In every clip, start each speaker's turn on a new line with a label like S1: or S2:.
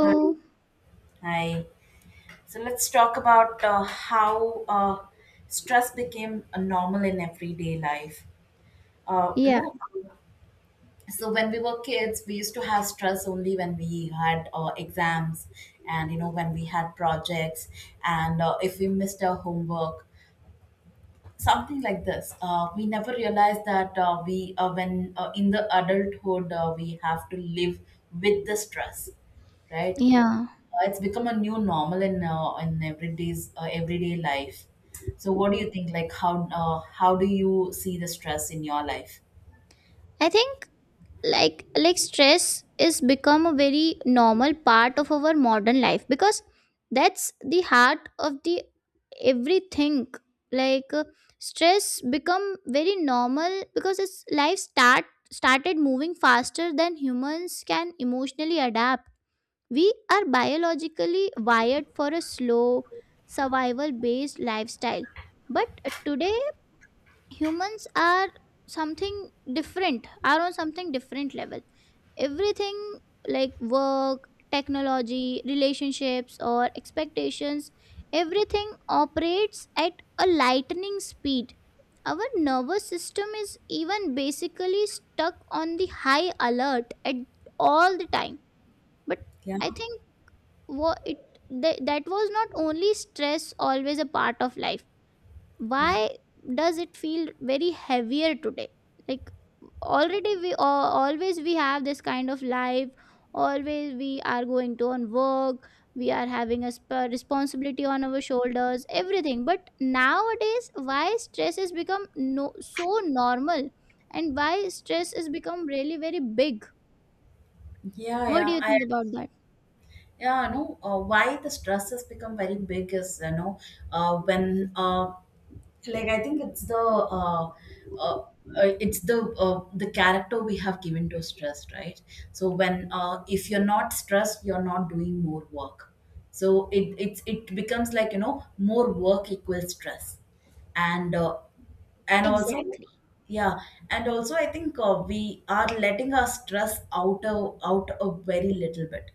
S1: Hi. Hi. So let's talk about how stress became a normal in everyday life. Uh, you
S2: Yeah,
S1: know, so when we were kids, we used to have stress only when we had exams, and you know, when we had projects, and if we missed our homework. Something like this, we never realize that we when in the adulthood we have to live with the stress, right?
S2: yeah.
S1: It's become a new normal in everyday life. So what do you think, like, how do you see the stress in your life?
S2: I think like stress is become a very normal part of our modern life because that's the heart of the everything. Like, stress become very normal because its life started moving faster than humans can emotionally adapt. We are biologically wired for a slow survival based lifestyle. But today humans are something different are on something different level, everything like work, technology, relationships or expectations, everything operates at a lightning speed. Our nervous system is even basically stuck on the high alert at all the time. But
S1: Yeah,
S2: I think, what it that was not only stress always a part of life,
S1: yeah,
S2: why does it feel very heavier today? Like, already we always, we have this kind of life, always we are going to on work, we are having a responsibility on our shoulders everything, but nowadays why stress has become no so normal, and why stress has become really very big?
S1: yeah,
S2: What do
S1: yeah,
S2: you
S1: I
S2: think about that?
S1: yeah, no, why the stress has become very big is, you know, when like, I think uh, it's the character we have given to stress, right? So when if you're not stressed, you're not doing more work. So it becomes like, you know, more work equals stress. And and also
S2: Exactly.
S1: yeah, and also I think we are letting our stress out a, out a very little bit.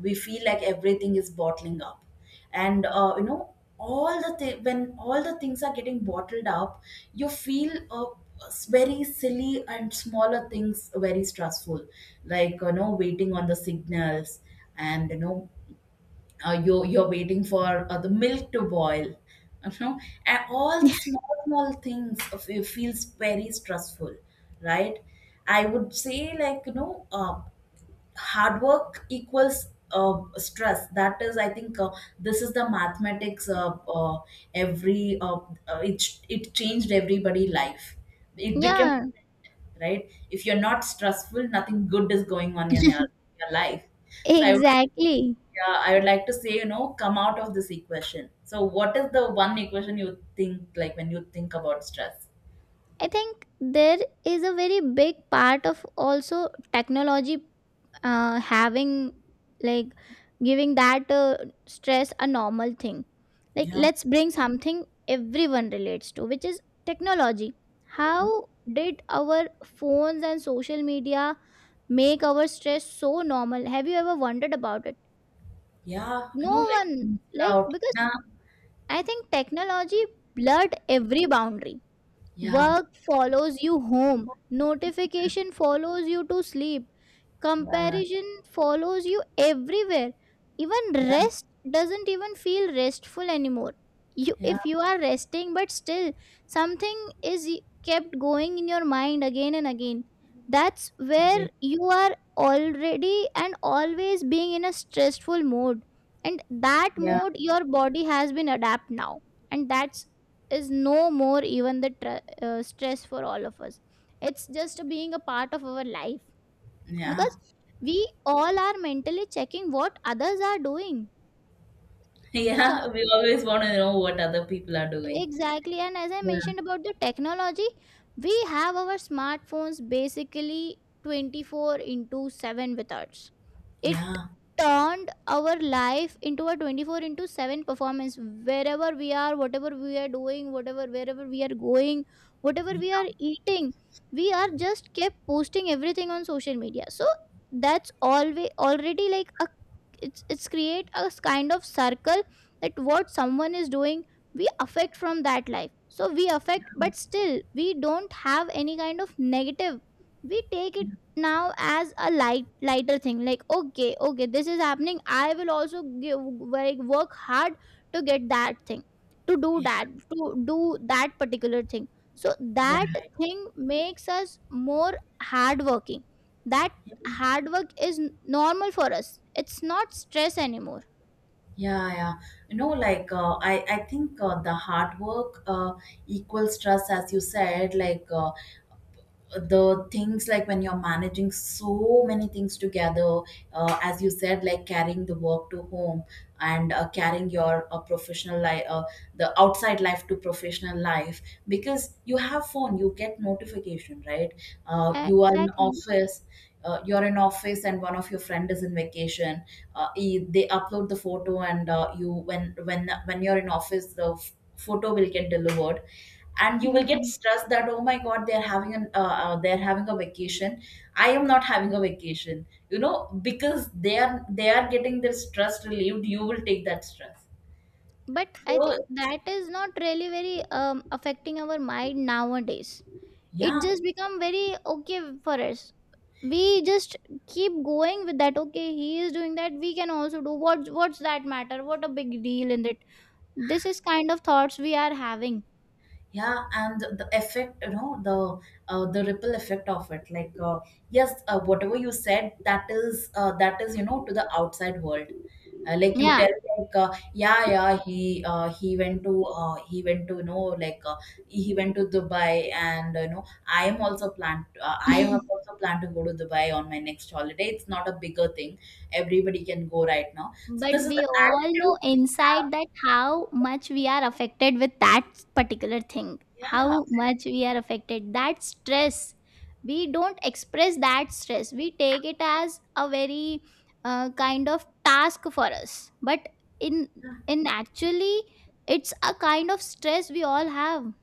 S1: We feel like everything is bottling up, and you know, all the when all the things are getting bottled up, you feel very silly and smaller things very stressful. Like, you know, waiting on the signals, and you know, you, you're waiting for the milk to boil, you know, and all the small small things of it feels very stressful, right? I would say, like, you know, hard work equals stress. That is, I think, this is the mathematics. Uh, every it changed everybody life. It became
S2: Yeah.
S1: right, if you're not stressful, nothing good is going on in your life. So I would
S2: Exactly.
S1: yeah, I would like to say, you know, come out of this equation. So, what is the one equation you think, like, when you think about stress?
S2: I think there is a very big part of also technology having, like, giving that stress a normal thing. Like,
S1: Yeah,
S2: let's bring something everyone relates to, which is technology. How did our phones and social media make our stress so normal? Have you ever wondered about it?
S1: yeah, you
S2: No
S1: know, like,
S2: one, like,
S1: out.
S2: because
S1: Yeah,
S2: I think technology blurred every boundary. Work follows you home. Notification follows you to sleep.
S1: yeah, yeah,
S2: Comparison follows you everywhere. Even
S1: yeah,
S2: rest doesn't even feel restful anymore. You,
S1: yeah,
S2: if you are resting but still something is y- kept going in your mind again and again. That's where
S1: agree.
S2: you are already and always being in a stressful mode. And that
S1: Yeah,
S2: mode your body has been adapt now. And that's is no more even the stress for all of us, it's just being a part of our life
S1: yeah.
S2: because we all are mentally checking what others are doing. So
S1: Yeah. We always want to know what other people are doing.
S2: exactly, and as I
S1: Yeah,
S2: mentioned about the technology, we have our smartphones basically 24 into 7 with us, it
S1: yeah,
S2: turned our life into a 24 into 7 performance, wherever we are, whatever we are doing, whatever, wherever we are going, whatever we are
S1: yeah,
S2: eating, we are just kept posting everything on social media. So that's always already like a, it's create a kind of circle that what someone is doing we affect from that life, so we affect, but still we don't have any kind of negative, we take it now as a lighter thing like, okay, okay, this is happening, I will also give, like, work hard to get that thing, to do
S1: yeah,
S2: that to do that particular thing, so
S1: yeah,
S2: that
S1: right.
S2: thing makes us more hardworking, that hard work is normal for us, it's not stress anymore.
S1: Yeah, yeah. You know, like, I think the hard work equals stress, as you said, like. The things like when you're managing so many things together, as you said, like, carrying the work to home, and carrying your professional life, the outside life to professional life, because you have phone, you get notification, right? You are in
S2: Exactly.
S1: office, you're in office, and one of your friend is in vacation. They upload the photo, and you, when when you're in office, the photo will get delivered, and you will get stressed that, oh my god, they're having an they're having a vacation. I am not having a vacation, you know, because they are, they are getting their stress relieved, you will take that stress.
S2: But I
S1: So
S2: think that is not really very affecting our mind nowadays, it
S1: yeah.
S2: just become very okay for us, we just keep going with that, okay, he is doing that, we can also do, what, what's that matter, what a big deal in it, this is kind of thoughts we are having.
S1: Yeah, and the effect, you know, the ripple effect of it. Like, yes, whatever you said, that is that is, you know, to the outside world. Like you
S2: Yeah.
S1: tell, like, yeah, yeah, he went to he went to, you know, like, he went to Dubai, and you know, I am also planned. I have also planned to go to Dubai on my next holiday. It's not a bigger thing. Everybody can go right now. So
S2: But
S1: this is the
S2: we all know
S1: attitude we
S2: inside
S1: have.
S2: that how much we are affected with that particular thing,
S1: Yeah.
S2: how much we are affected. That stress, we don't express that stress. We take it as a very kind of task for us. But in
S1: Yeah.
S2: in actually, it's a kind of stress we all have.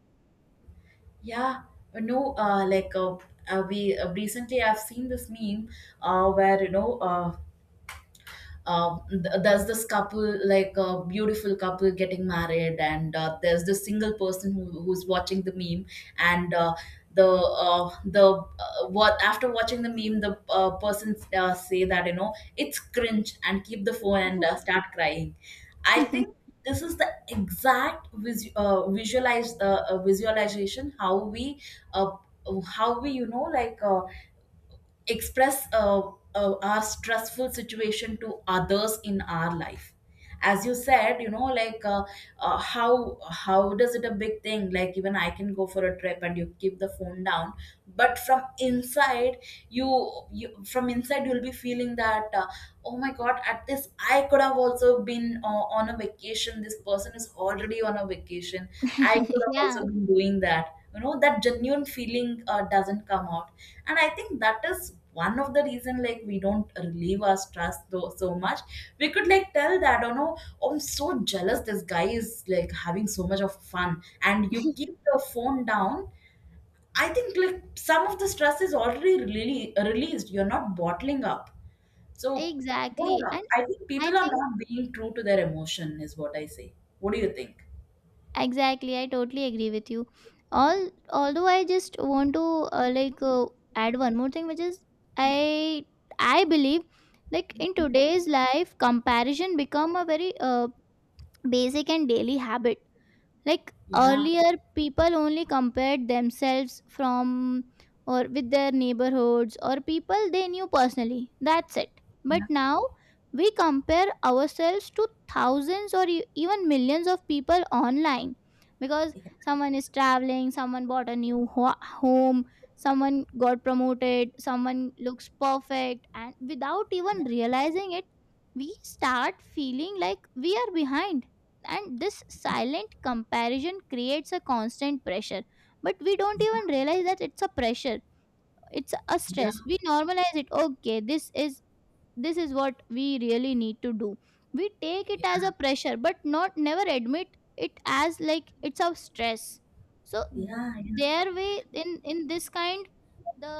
S1: Yeah, no, like, we recently I've seen this meme where you know, there's this couple, like a beautiful couple getting married, and there's this single person who, who's watching the meme, and the what, after watching the meme, the person say that, you know, it's cringe, and keep the phone and start crying. I think this is the exact vis- visualize visualization how we uh, how we, you know, like, express our stressful situation to others in our life. As you said, you know, like, how how does it a big thing? Like, even I can go for a trip and you keep the phone down, but from inside, you from inside you'll be feeling that, oh my god, at this I could have also been on a vacation. This person is already on a vacation. I could have
S2: Yeah,
S1: also been doing that, you know? That genuine feeling doesn't come out. And I think that is one of the reason, like, we don't relieve our stress though so much. We could, like, tell that oh no, I'm so jealous, this guy is like having so much of fun, and you keep the phone down. I think like some of the stress is already really released, you're not bottling up. So
S2: exactly.
S1: yeah,
S2: And
S1: I think
S2: I
S1: people are
S2: think
S1: not being true to their emotion is what I say. What do you think?
S2: exactly, I totally agree with you. All Although I just want to uh, like uh, add one more thing, which is, I I believe, like, in today's life, comparison become a very basic and daily habit, like
S1: Yeah,
S2: earlier people only compared themselves from or with their neighborhoods or people they knew personally, that's it. But
S1: yeah,
S2: now we compare ourselves to thousands or even millions of people online, because
S1: yeah,
S2: someone is traveling, someone bought a new home, someone got promoted, someone looks perfect, and without even
S1: yeah,
S2: realizing it we start feeling like we are behind, and this silent comparison creates a constant pressure, but we don't
S1: yeah, yeah,
S2: even realize that it's a pressure, it's a
S1: yeah,
S2: stress, we normalize it, okay, this is what we really need to do, we take it as a pressure but not never admit it as like it's a stress. So
S1: yeah, yeah,
S2: their way, in this kind, the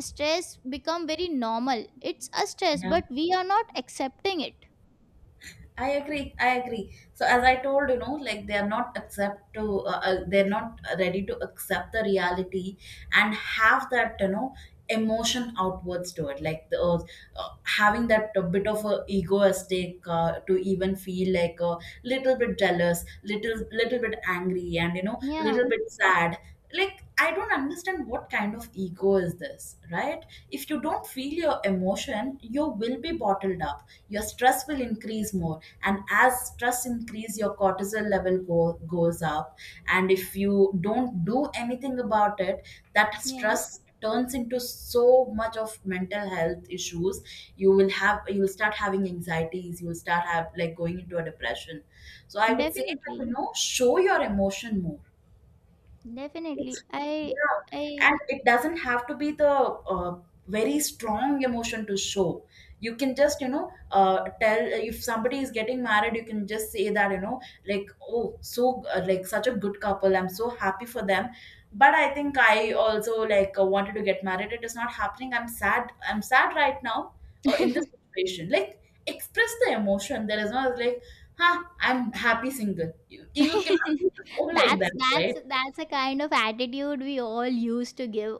S2: stress become very normal, it's a stress
S1: yeah,
S2: but we are not accepting it.
S1: I agree. I agree. So as I told, you know, like, they are not accept to they're not ready to accept the reality and have that, you know, emotion outwards to it. Like the, having that a bit of a egoistic to even feel like a little bit jealous, little little bit angry, and you know,
S2: Yeah,
S1: little bit sad. Like, I don't understand what kind of ego is this, right? If you don't feel your emotion, you will be bottled up, your stress will increase more, and as stress increase, your cortisol level goes up, and if you don't do anything about it, that
S2: yeah,
S1: stress turns into so much of mental health issues. You will have, you will start having anxieties, you will start have like going into a depression. So I would say that, you
S2: definitely.
S1: know, show your emotion more. It's
S2: Definitely. I
S1: yeah, and
S2: I
S1: it doesn't have to be the very strong emotion to show. You can just, you know, tell if somebody is getting married, you can just say that, you know, like oh, so like such a good couple. I'm so happy for them. But I think I also like wanted to get married. It is not happening. I'm sad. I'm sad right now in this situation. Like, express the emotion. There is no like, huh? I'm happy single. You cannot be the like
S2: That's
S1: that, right?
S2: that's a kind of attitude we all used to give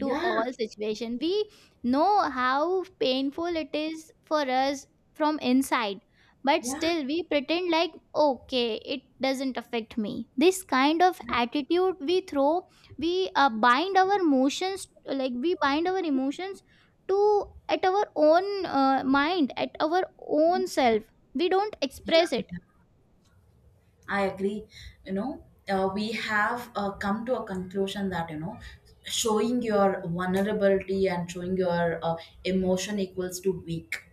S2: to all situation. We know how painful it is for us from inside, but
S1: Yeah,
S2: still we pretend like, okay, it doesn't affect me. This kind of
S1: yeah,
S2: attitude we throw, we bind our emotions, like we bind our emotions to at our own mind, at our own self. We don't
S1: yeah,
S2: express it.
S1: yeah. I agree. You know, we have come to a conclusion that, you know, showing your vulnerability and showing your emotion equals to weak.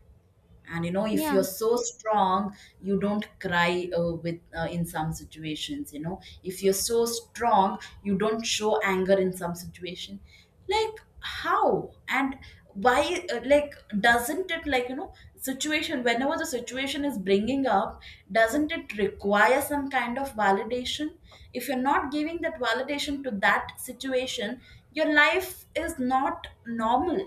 S1: And you know, if
S2: Yeah,
S1: you're so strong, you don't cry with in some situations. You know, if you're so strong, you don't show anger in some situation. Like, how and why like, doesn't it, like, you know, situation, whenever the situation is bringing up, doesn't it require some kind of validation? If you're not giving that validation to that situation, your life is not normal.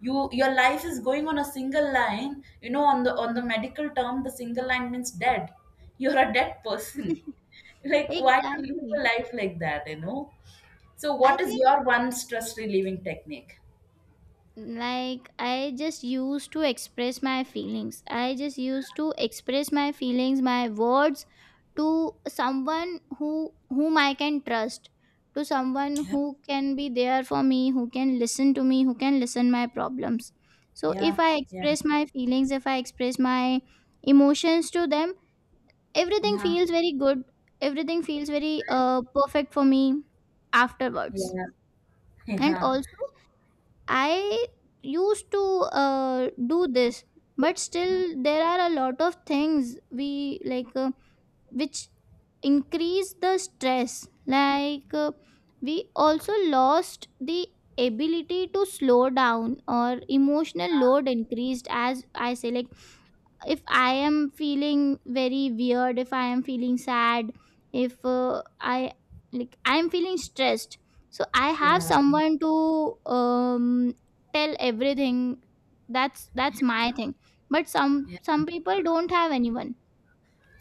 S1: You, your life is going on a single line. You know, on the medical term, the single line means dead. You're a dead person. Like, why to live a
S2: exactly.
S1: life like that, you know? So
S2: I
S1: what is
S2: think,
S1: your one stress relieving technique?
S2: like, I just used to express my feelings. I just used to express my feelings, my words, to someone who, whom I can trust, to someone
S1: Yeah,
S2: who can be there for me, who can listen to me, who can listen my problems. So
S1: yeah,
S2: if I
S1: yeah,
S2: express my feelings, if I express my emotions to them, everything
S1: yeah,
S2: feels very good. Everything feels very
S1: right?
S2: perfect for me afterwards.
S1: Yeah,
S2: And
S1: yeah,
S2: also I used to do this, but
S1: yeah,
S2: still there are a lot of things we like, which increase the stress. Like, we also lost the ability to slow down, or emotional load increased, as I say, like, if I am feeling very weird, if I am feeling sad, if I like I am feeling stressed, so I have
S1: yeah,
S2: someone to um, tell everything, that's my thing. But some
S1: yeah, yeah,
S2: some people don't have anyone,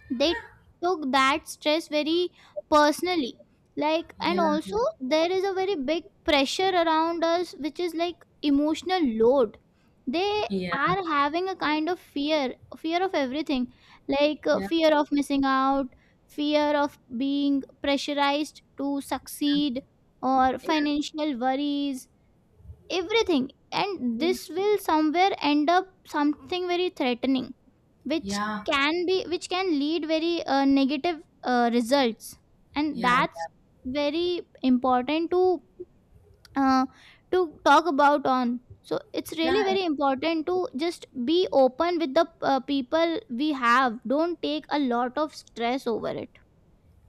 S2: they took that stress very personally. Like,
S1: yeah,
S2: and
S1: yeah,
S2: also
S1: yeah,
S2: there is a very big pressure around us, which is like emotional load, they
S1: yeah,
S2: are having a kind of fear of everything, like
S1: yeah,
S2: fear of missing out, fear of being pressurized to succeed, or financial worries, everything, and
S1: yeah,
S2: this will somewhere end up something very threatening, which
S1: yeah,
S2: which can lead very negative results, and
S1: yeah,
S2: that's very important uh, to talk about on, so it's
S1: yeah,
S2: really
S1: yeah,
S2: very important to just be open with the people we have, don't take a lot of stress over it.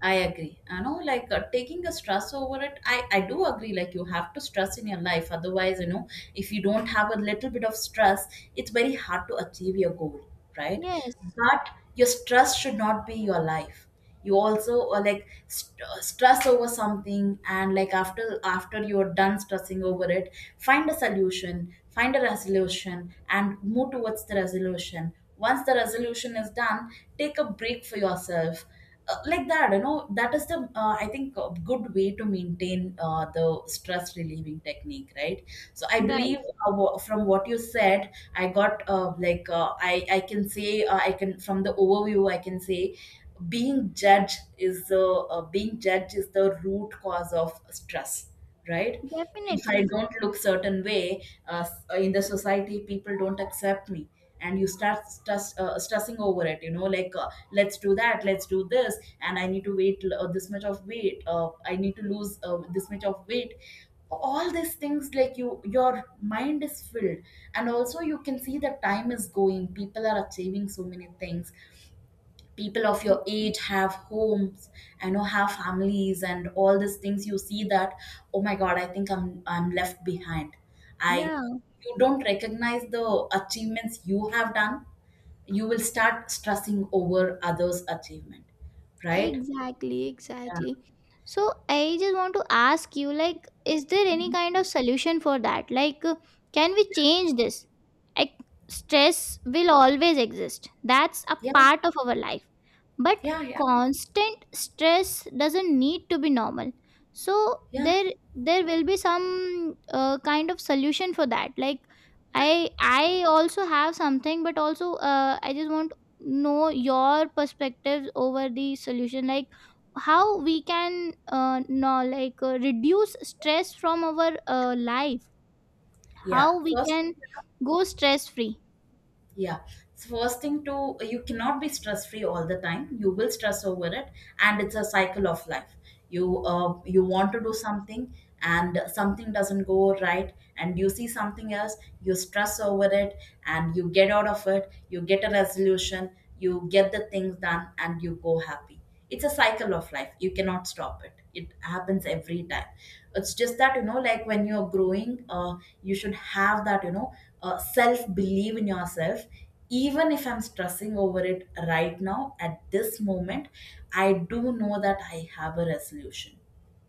S1: I agree. You know, like, taking a stress over it. I do agree. Like, you have to stress in your life. Otherwise, you know, if you don't have a little bit of stress, it's very hard to achieve your goal, right?
S2: Yes,
S1: But your stress should not be your life. You also stress over something, and like, after you're done stressing over it, find a solution, find a resolution, and move towards the resolution. Once the resolution is done, take a break for yourself, like that, that is the, I think, a good way to maintain the stress relieving technique, right? So I
S2: right.
S1: believe, from what you said, I got, like, I can say, I can, from the overview, I can say being judged is the, root cause of stress, right? If I
S2: Definitely.
S1: don't look certain way, in the society, people don't accept me, and you start stressing over it, like, let's do that, let's do this, and I need to wait, this much of weight, I need to lose, this much of weight. All these things, like, your mind is filled. And also, you can see that time is going, people are achieving so many things, people of your age have homes, I know, have families, and all these things. You see that, oh my god, I think I'm left behind. I
S2: Yeah.
S1: You don't recognize the achievements you have done. You will start stressing over others' achievement, right?
S2: Exactly,
S1: Yeah.
S2: exactly. So I just want to ask you, like, is there any
S1: Mhm.
S2: kind of solution for that? Like, can we change this? Like, stress will always exist. That's a
S1: Yeah.
S2: part of our life. But
S1: Yeah. Yeah.
S2: constant stress doesn't need to be normal. So
S1: Yeah.
S2: there will be some kind of solution for that. Like, I also have something, but also I just want know your perspectives over the solution, like, how we can no like reduce stress from our life,
S1: Yeah.
S2: how we
S1: First
S2: can go stress free,
S1: Yeah. So first thing to, you cannot be stress free all the time. You will stress over it, and it's a cycle of life. You want to do something, and something doesn't go right, and you see something else, you stress over it, and you get out of it. You get a resolution. You get the things done, and you go happy. It's a cycle of life. You cannot stop it. It happens every time. It's just that, like when you're growing, you should have that, self believe in yourself. Even if I'm stressing over it right now at this moment, I do know that I have a resolution,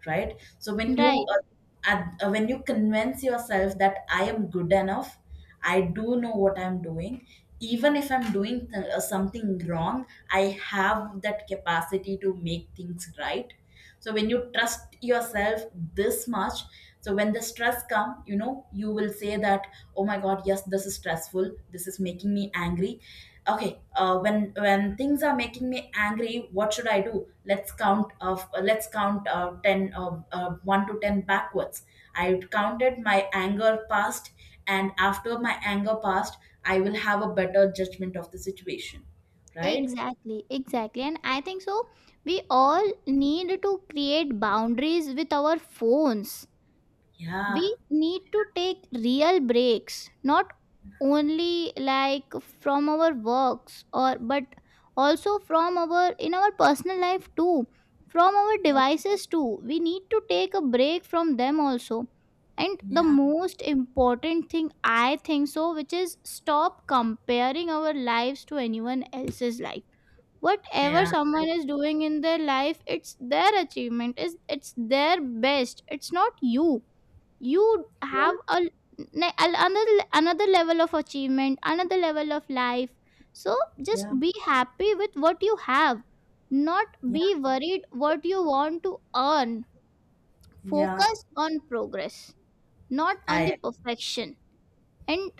S1: right? So when you,
S2: right?
S1: when you convince yourself that I am good enough, I do know what I'm doing. Even if I'm doing, something wrong, I have that capacity to make things right. So when you trust yourself this much, so when the stress come, you will say that, oh my god, yes, this is stressful, this is making me angry. Okay, when things are making me angry, what should I do? Let's count of let's count 10, 1 to 10 backwards. I counted my anger past, and after my anger past, I will have a better judgment of the situation, right?
S2: Exactly, exactly, and I think so we all need to create boundaries with our phones,
S1: Yeah.
S2: we need to take real breaks, not only like from our works, or but also from our, in our personal life too, from our
S1: Yeah,
S2: devices too, we need to take a break from them also. And the
S1: yeah,
S2: most important thing, I think so, which is stop comparing our lives to anyone else's life, whatever
S1: yeah,
S2: someone is doing in their life, it's their achievement, is it's their best, it's not you, you
S1: yeah,
S2: have a another level of achievement, another level of life. So just
S1: yeah,
S2: be happy with what you have, not
S1: yeah,
S2: be worried what you want to earn,
S1: yeah,
S2: focus on progress, not on the
S1: i
S2: perfection, and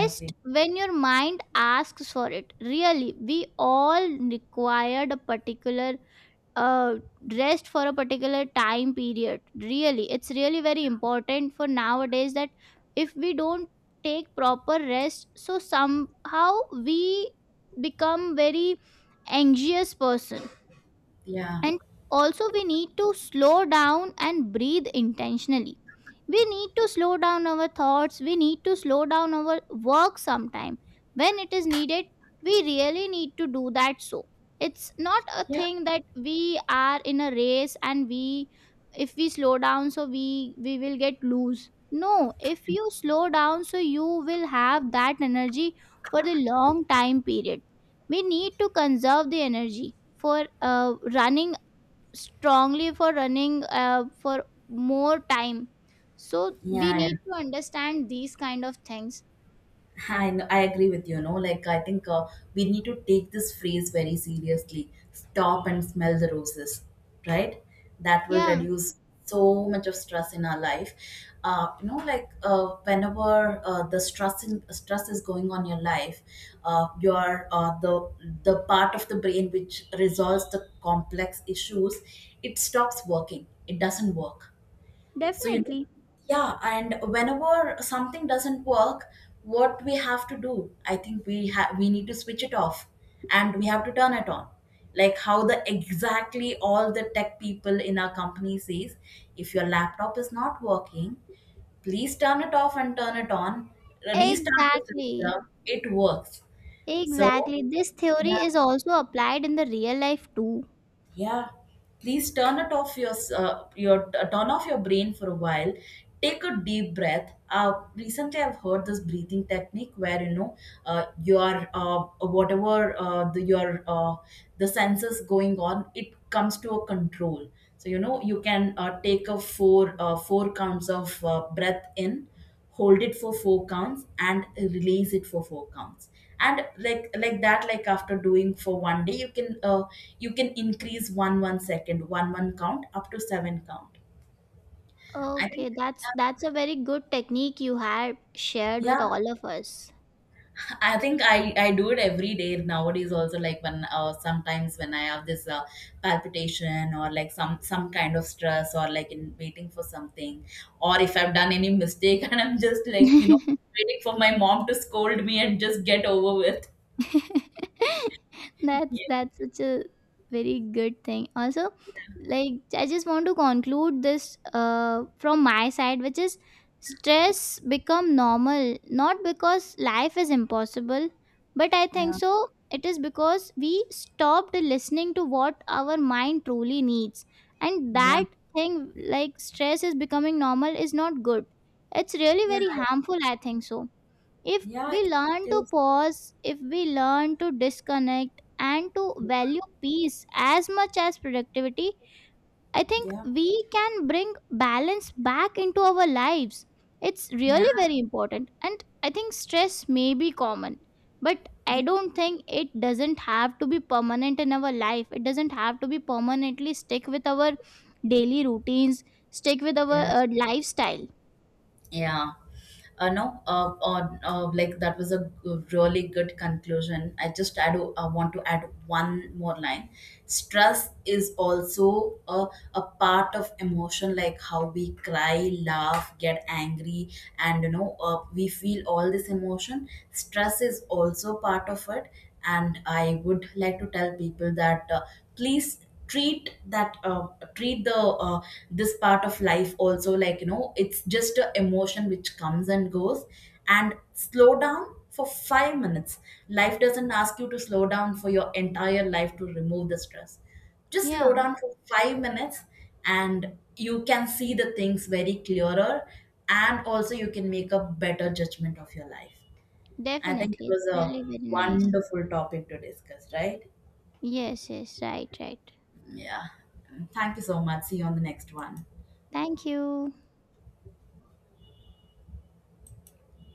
S1: I agree,
S2: when your mind asks for it, really we all required a particular uh, rest for a particular time period, really it's really very important for nowadays that if we don't take proper rest, so somehow we become very anxious person.
S1: yeah,
S2: And also we need to slow down and breathe intentionally, we need to slow down our thoughts, we need to slow down our work sometime, when it is needed we really need to do that, so it's not a
S1: yeah,
S2: thing that we are in a race, and we, if we slow down, so we will get loose, no, if you slow down so you will have that energy for the long time period, we need to conserve the energy for running strongly, for running for more time, so we
S1: yeah.
S2: need to understand these kind of things.
S1: I agree with you, no? Like, I think, we need to take this phrase very seriously. Stop and smell the roses, right? That will
S2: Yeah,
S1: reduce so much of stress in our life. Like, whenever, stress is going on your life, your the part of the brain which resolves the complex issues, it stops working. It doesn't work. So, yeah, and whenever something doesn't work, what we have to do, I think we need to switch it off, and we have to turn it on. Like how the exactly all the tech people in our company says, if your laptop is not working, please turn it off and turn it on, restart the
S2: exactly,
S1: system, it works. So,
S2: exactly, this theory
S1: yeah,
S2: is also applied in the real life too.
S1: yeah, please turn off your brain for a while. Take a deep breath. Recently I've heard this breathing technique where, your whatever the senses going on, it comes to a control. So, you can, take a four four counts of, breath in, hold it for four counts, and release it for four counts. And like, like that, after doing for one day, you can, you can increase one second one count, up to seven count. I think.
S2: Okay, that's
S1: Yeah.
S2: that's a very good technique you had shared
S1: Yeah,
S2: with all of us.
S1: I think I do it every day nowadays also, like when, sometimes when I have this, palpitation, or like some kind of stress, or like in waiting for something, or if I've done any mistake and I'm just like, waiting for my mom to scold me and just get over with.
S2: that's such a very good thing also, like, I just want to conclude this from my side, which is, stress become normal, not because life is impossible, but I think
S1: Yeah,
S2: so it is because we stopped listening to what our mind truly needs. And
S1: yeah,
S2: that thing, like, stress is becoming normal is not good, it's really
S1: yeah,
S2: very harmful, I think so, if
S1: yeah.
S2: we learn
S1: It
S2: to
S1: is.
S2: pause, if we learn to disconnect and to value peace as much as productivity, I think
S1: Yeah,
S2: we can bring balance back into our lives. It's
S1: yeah,
S2: really very important. And I think stress may be common, but I
S1: yeah,
S2: don't think it doesn't have to be permanent in our life. It doesn't have to be permanently stick with our daily routines, stick with our
S1: yeah,
S2: lifestyle.
S1: yeah. No, like that was a really good conclusion. I do want to add one more line. Stress is also a part of emotion, like how we cry, laugh, get angry, and we feel all this emotion. Stress is also part of it. And I would like to tell people that, please treat that treat the this part of life also, like, it's just a emotion which comes and goes, and slow down for 5 minutes. Life doesn't ask you to slow down for your entire life to remove the stress. Just slow
S2: Yeah,
S1: down for 5 minutes, and you can see the things very clearer, and also you can make a better judgment of your life. I think it
S2: definitely.
S1: was
S2: It's
S1: a
S2: really very nice.
S1: wonderful topic to discuss, right?
S2: Yes, yes, right, right.
S1: Yeah. Thank you so much. See you on the next one.
S2: Thank you.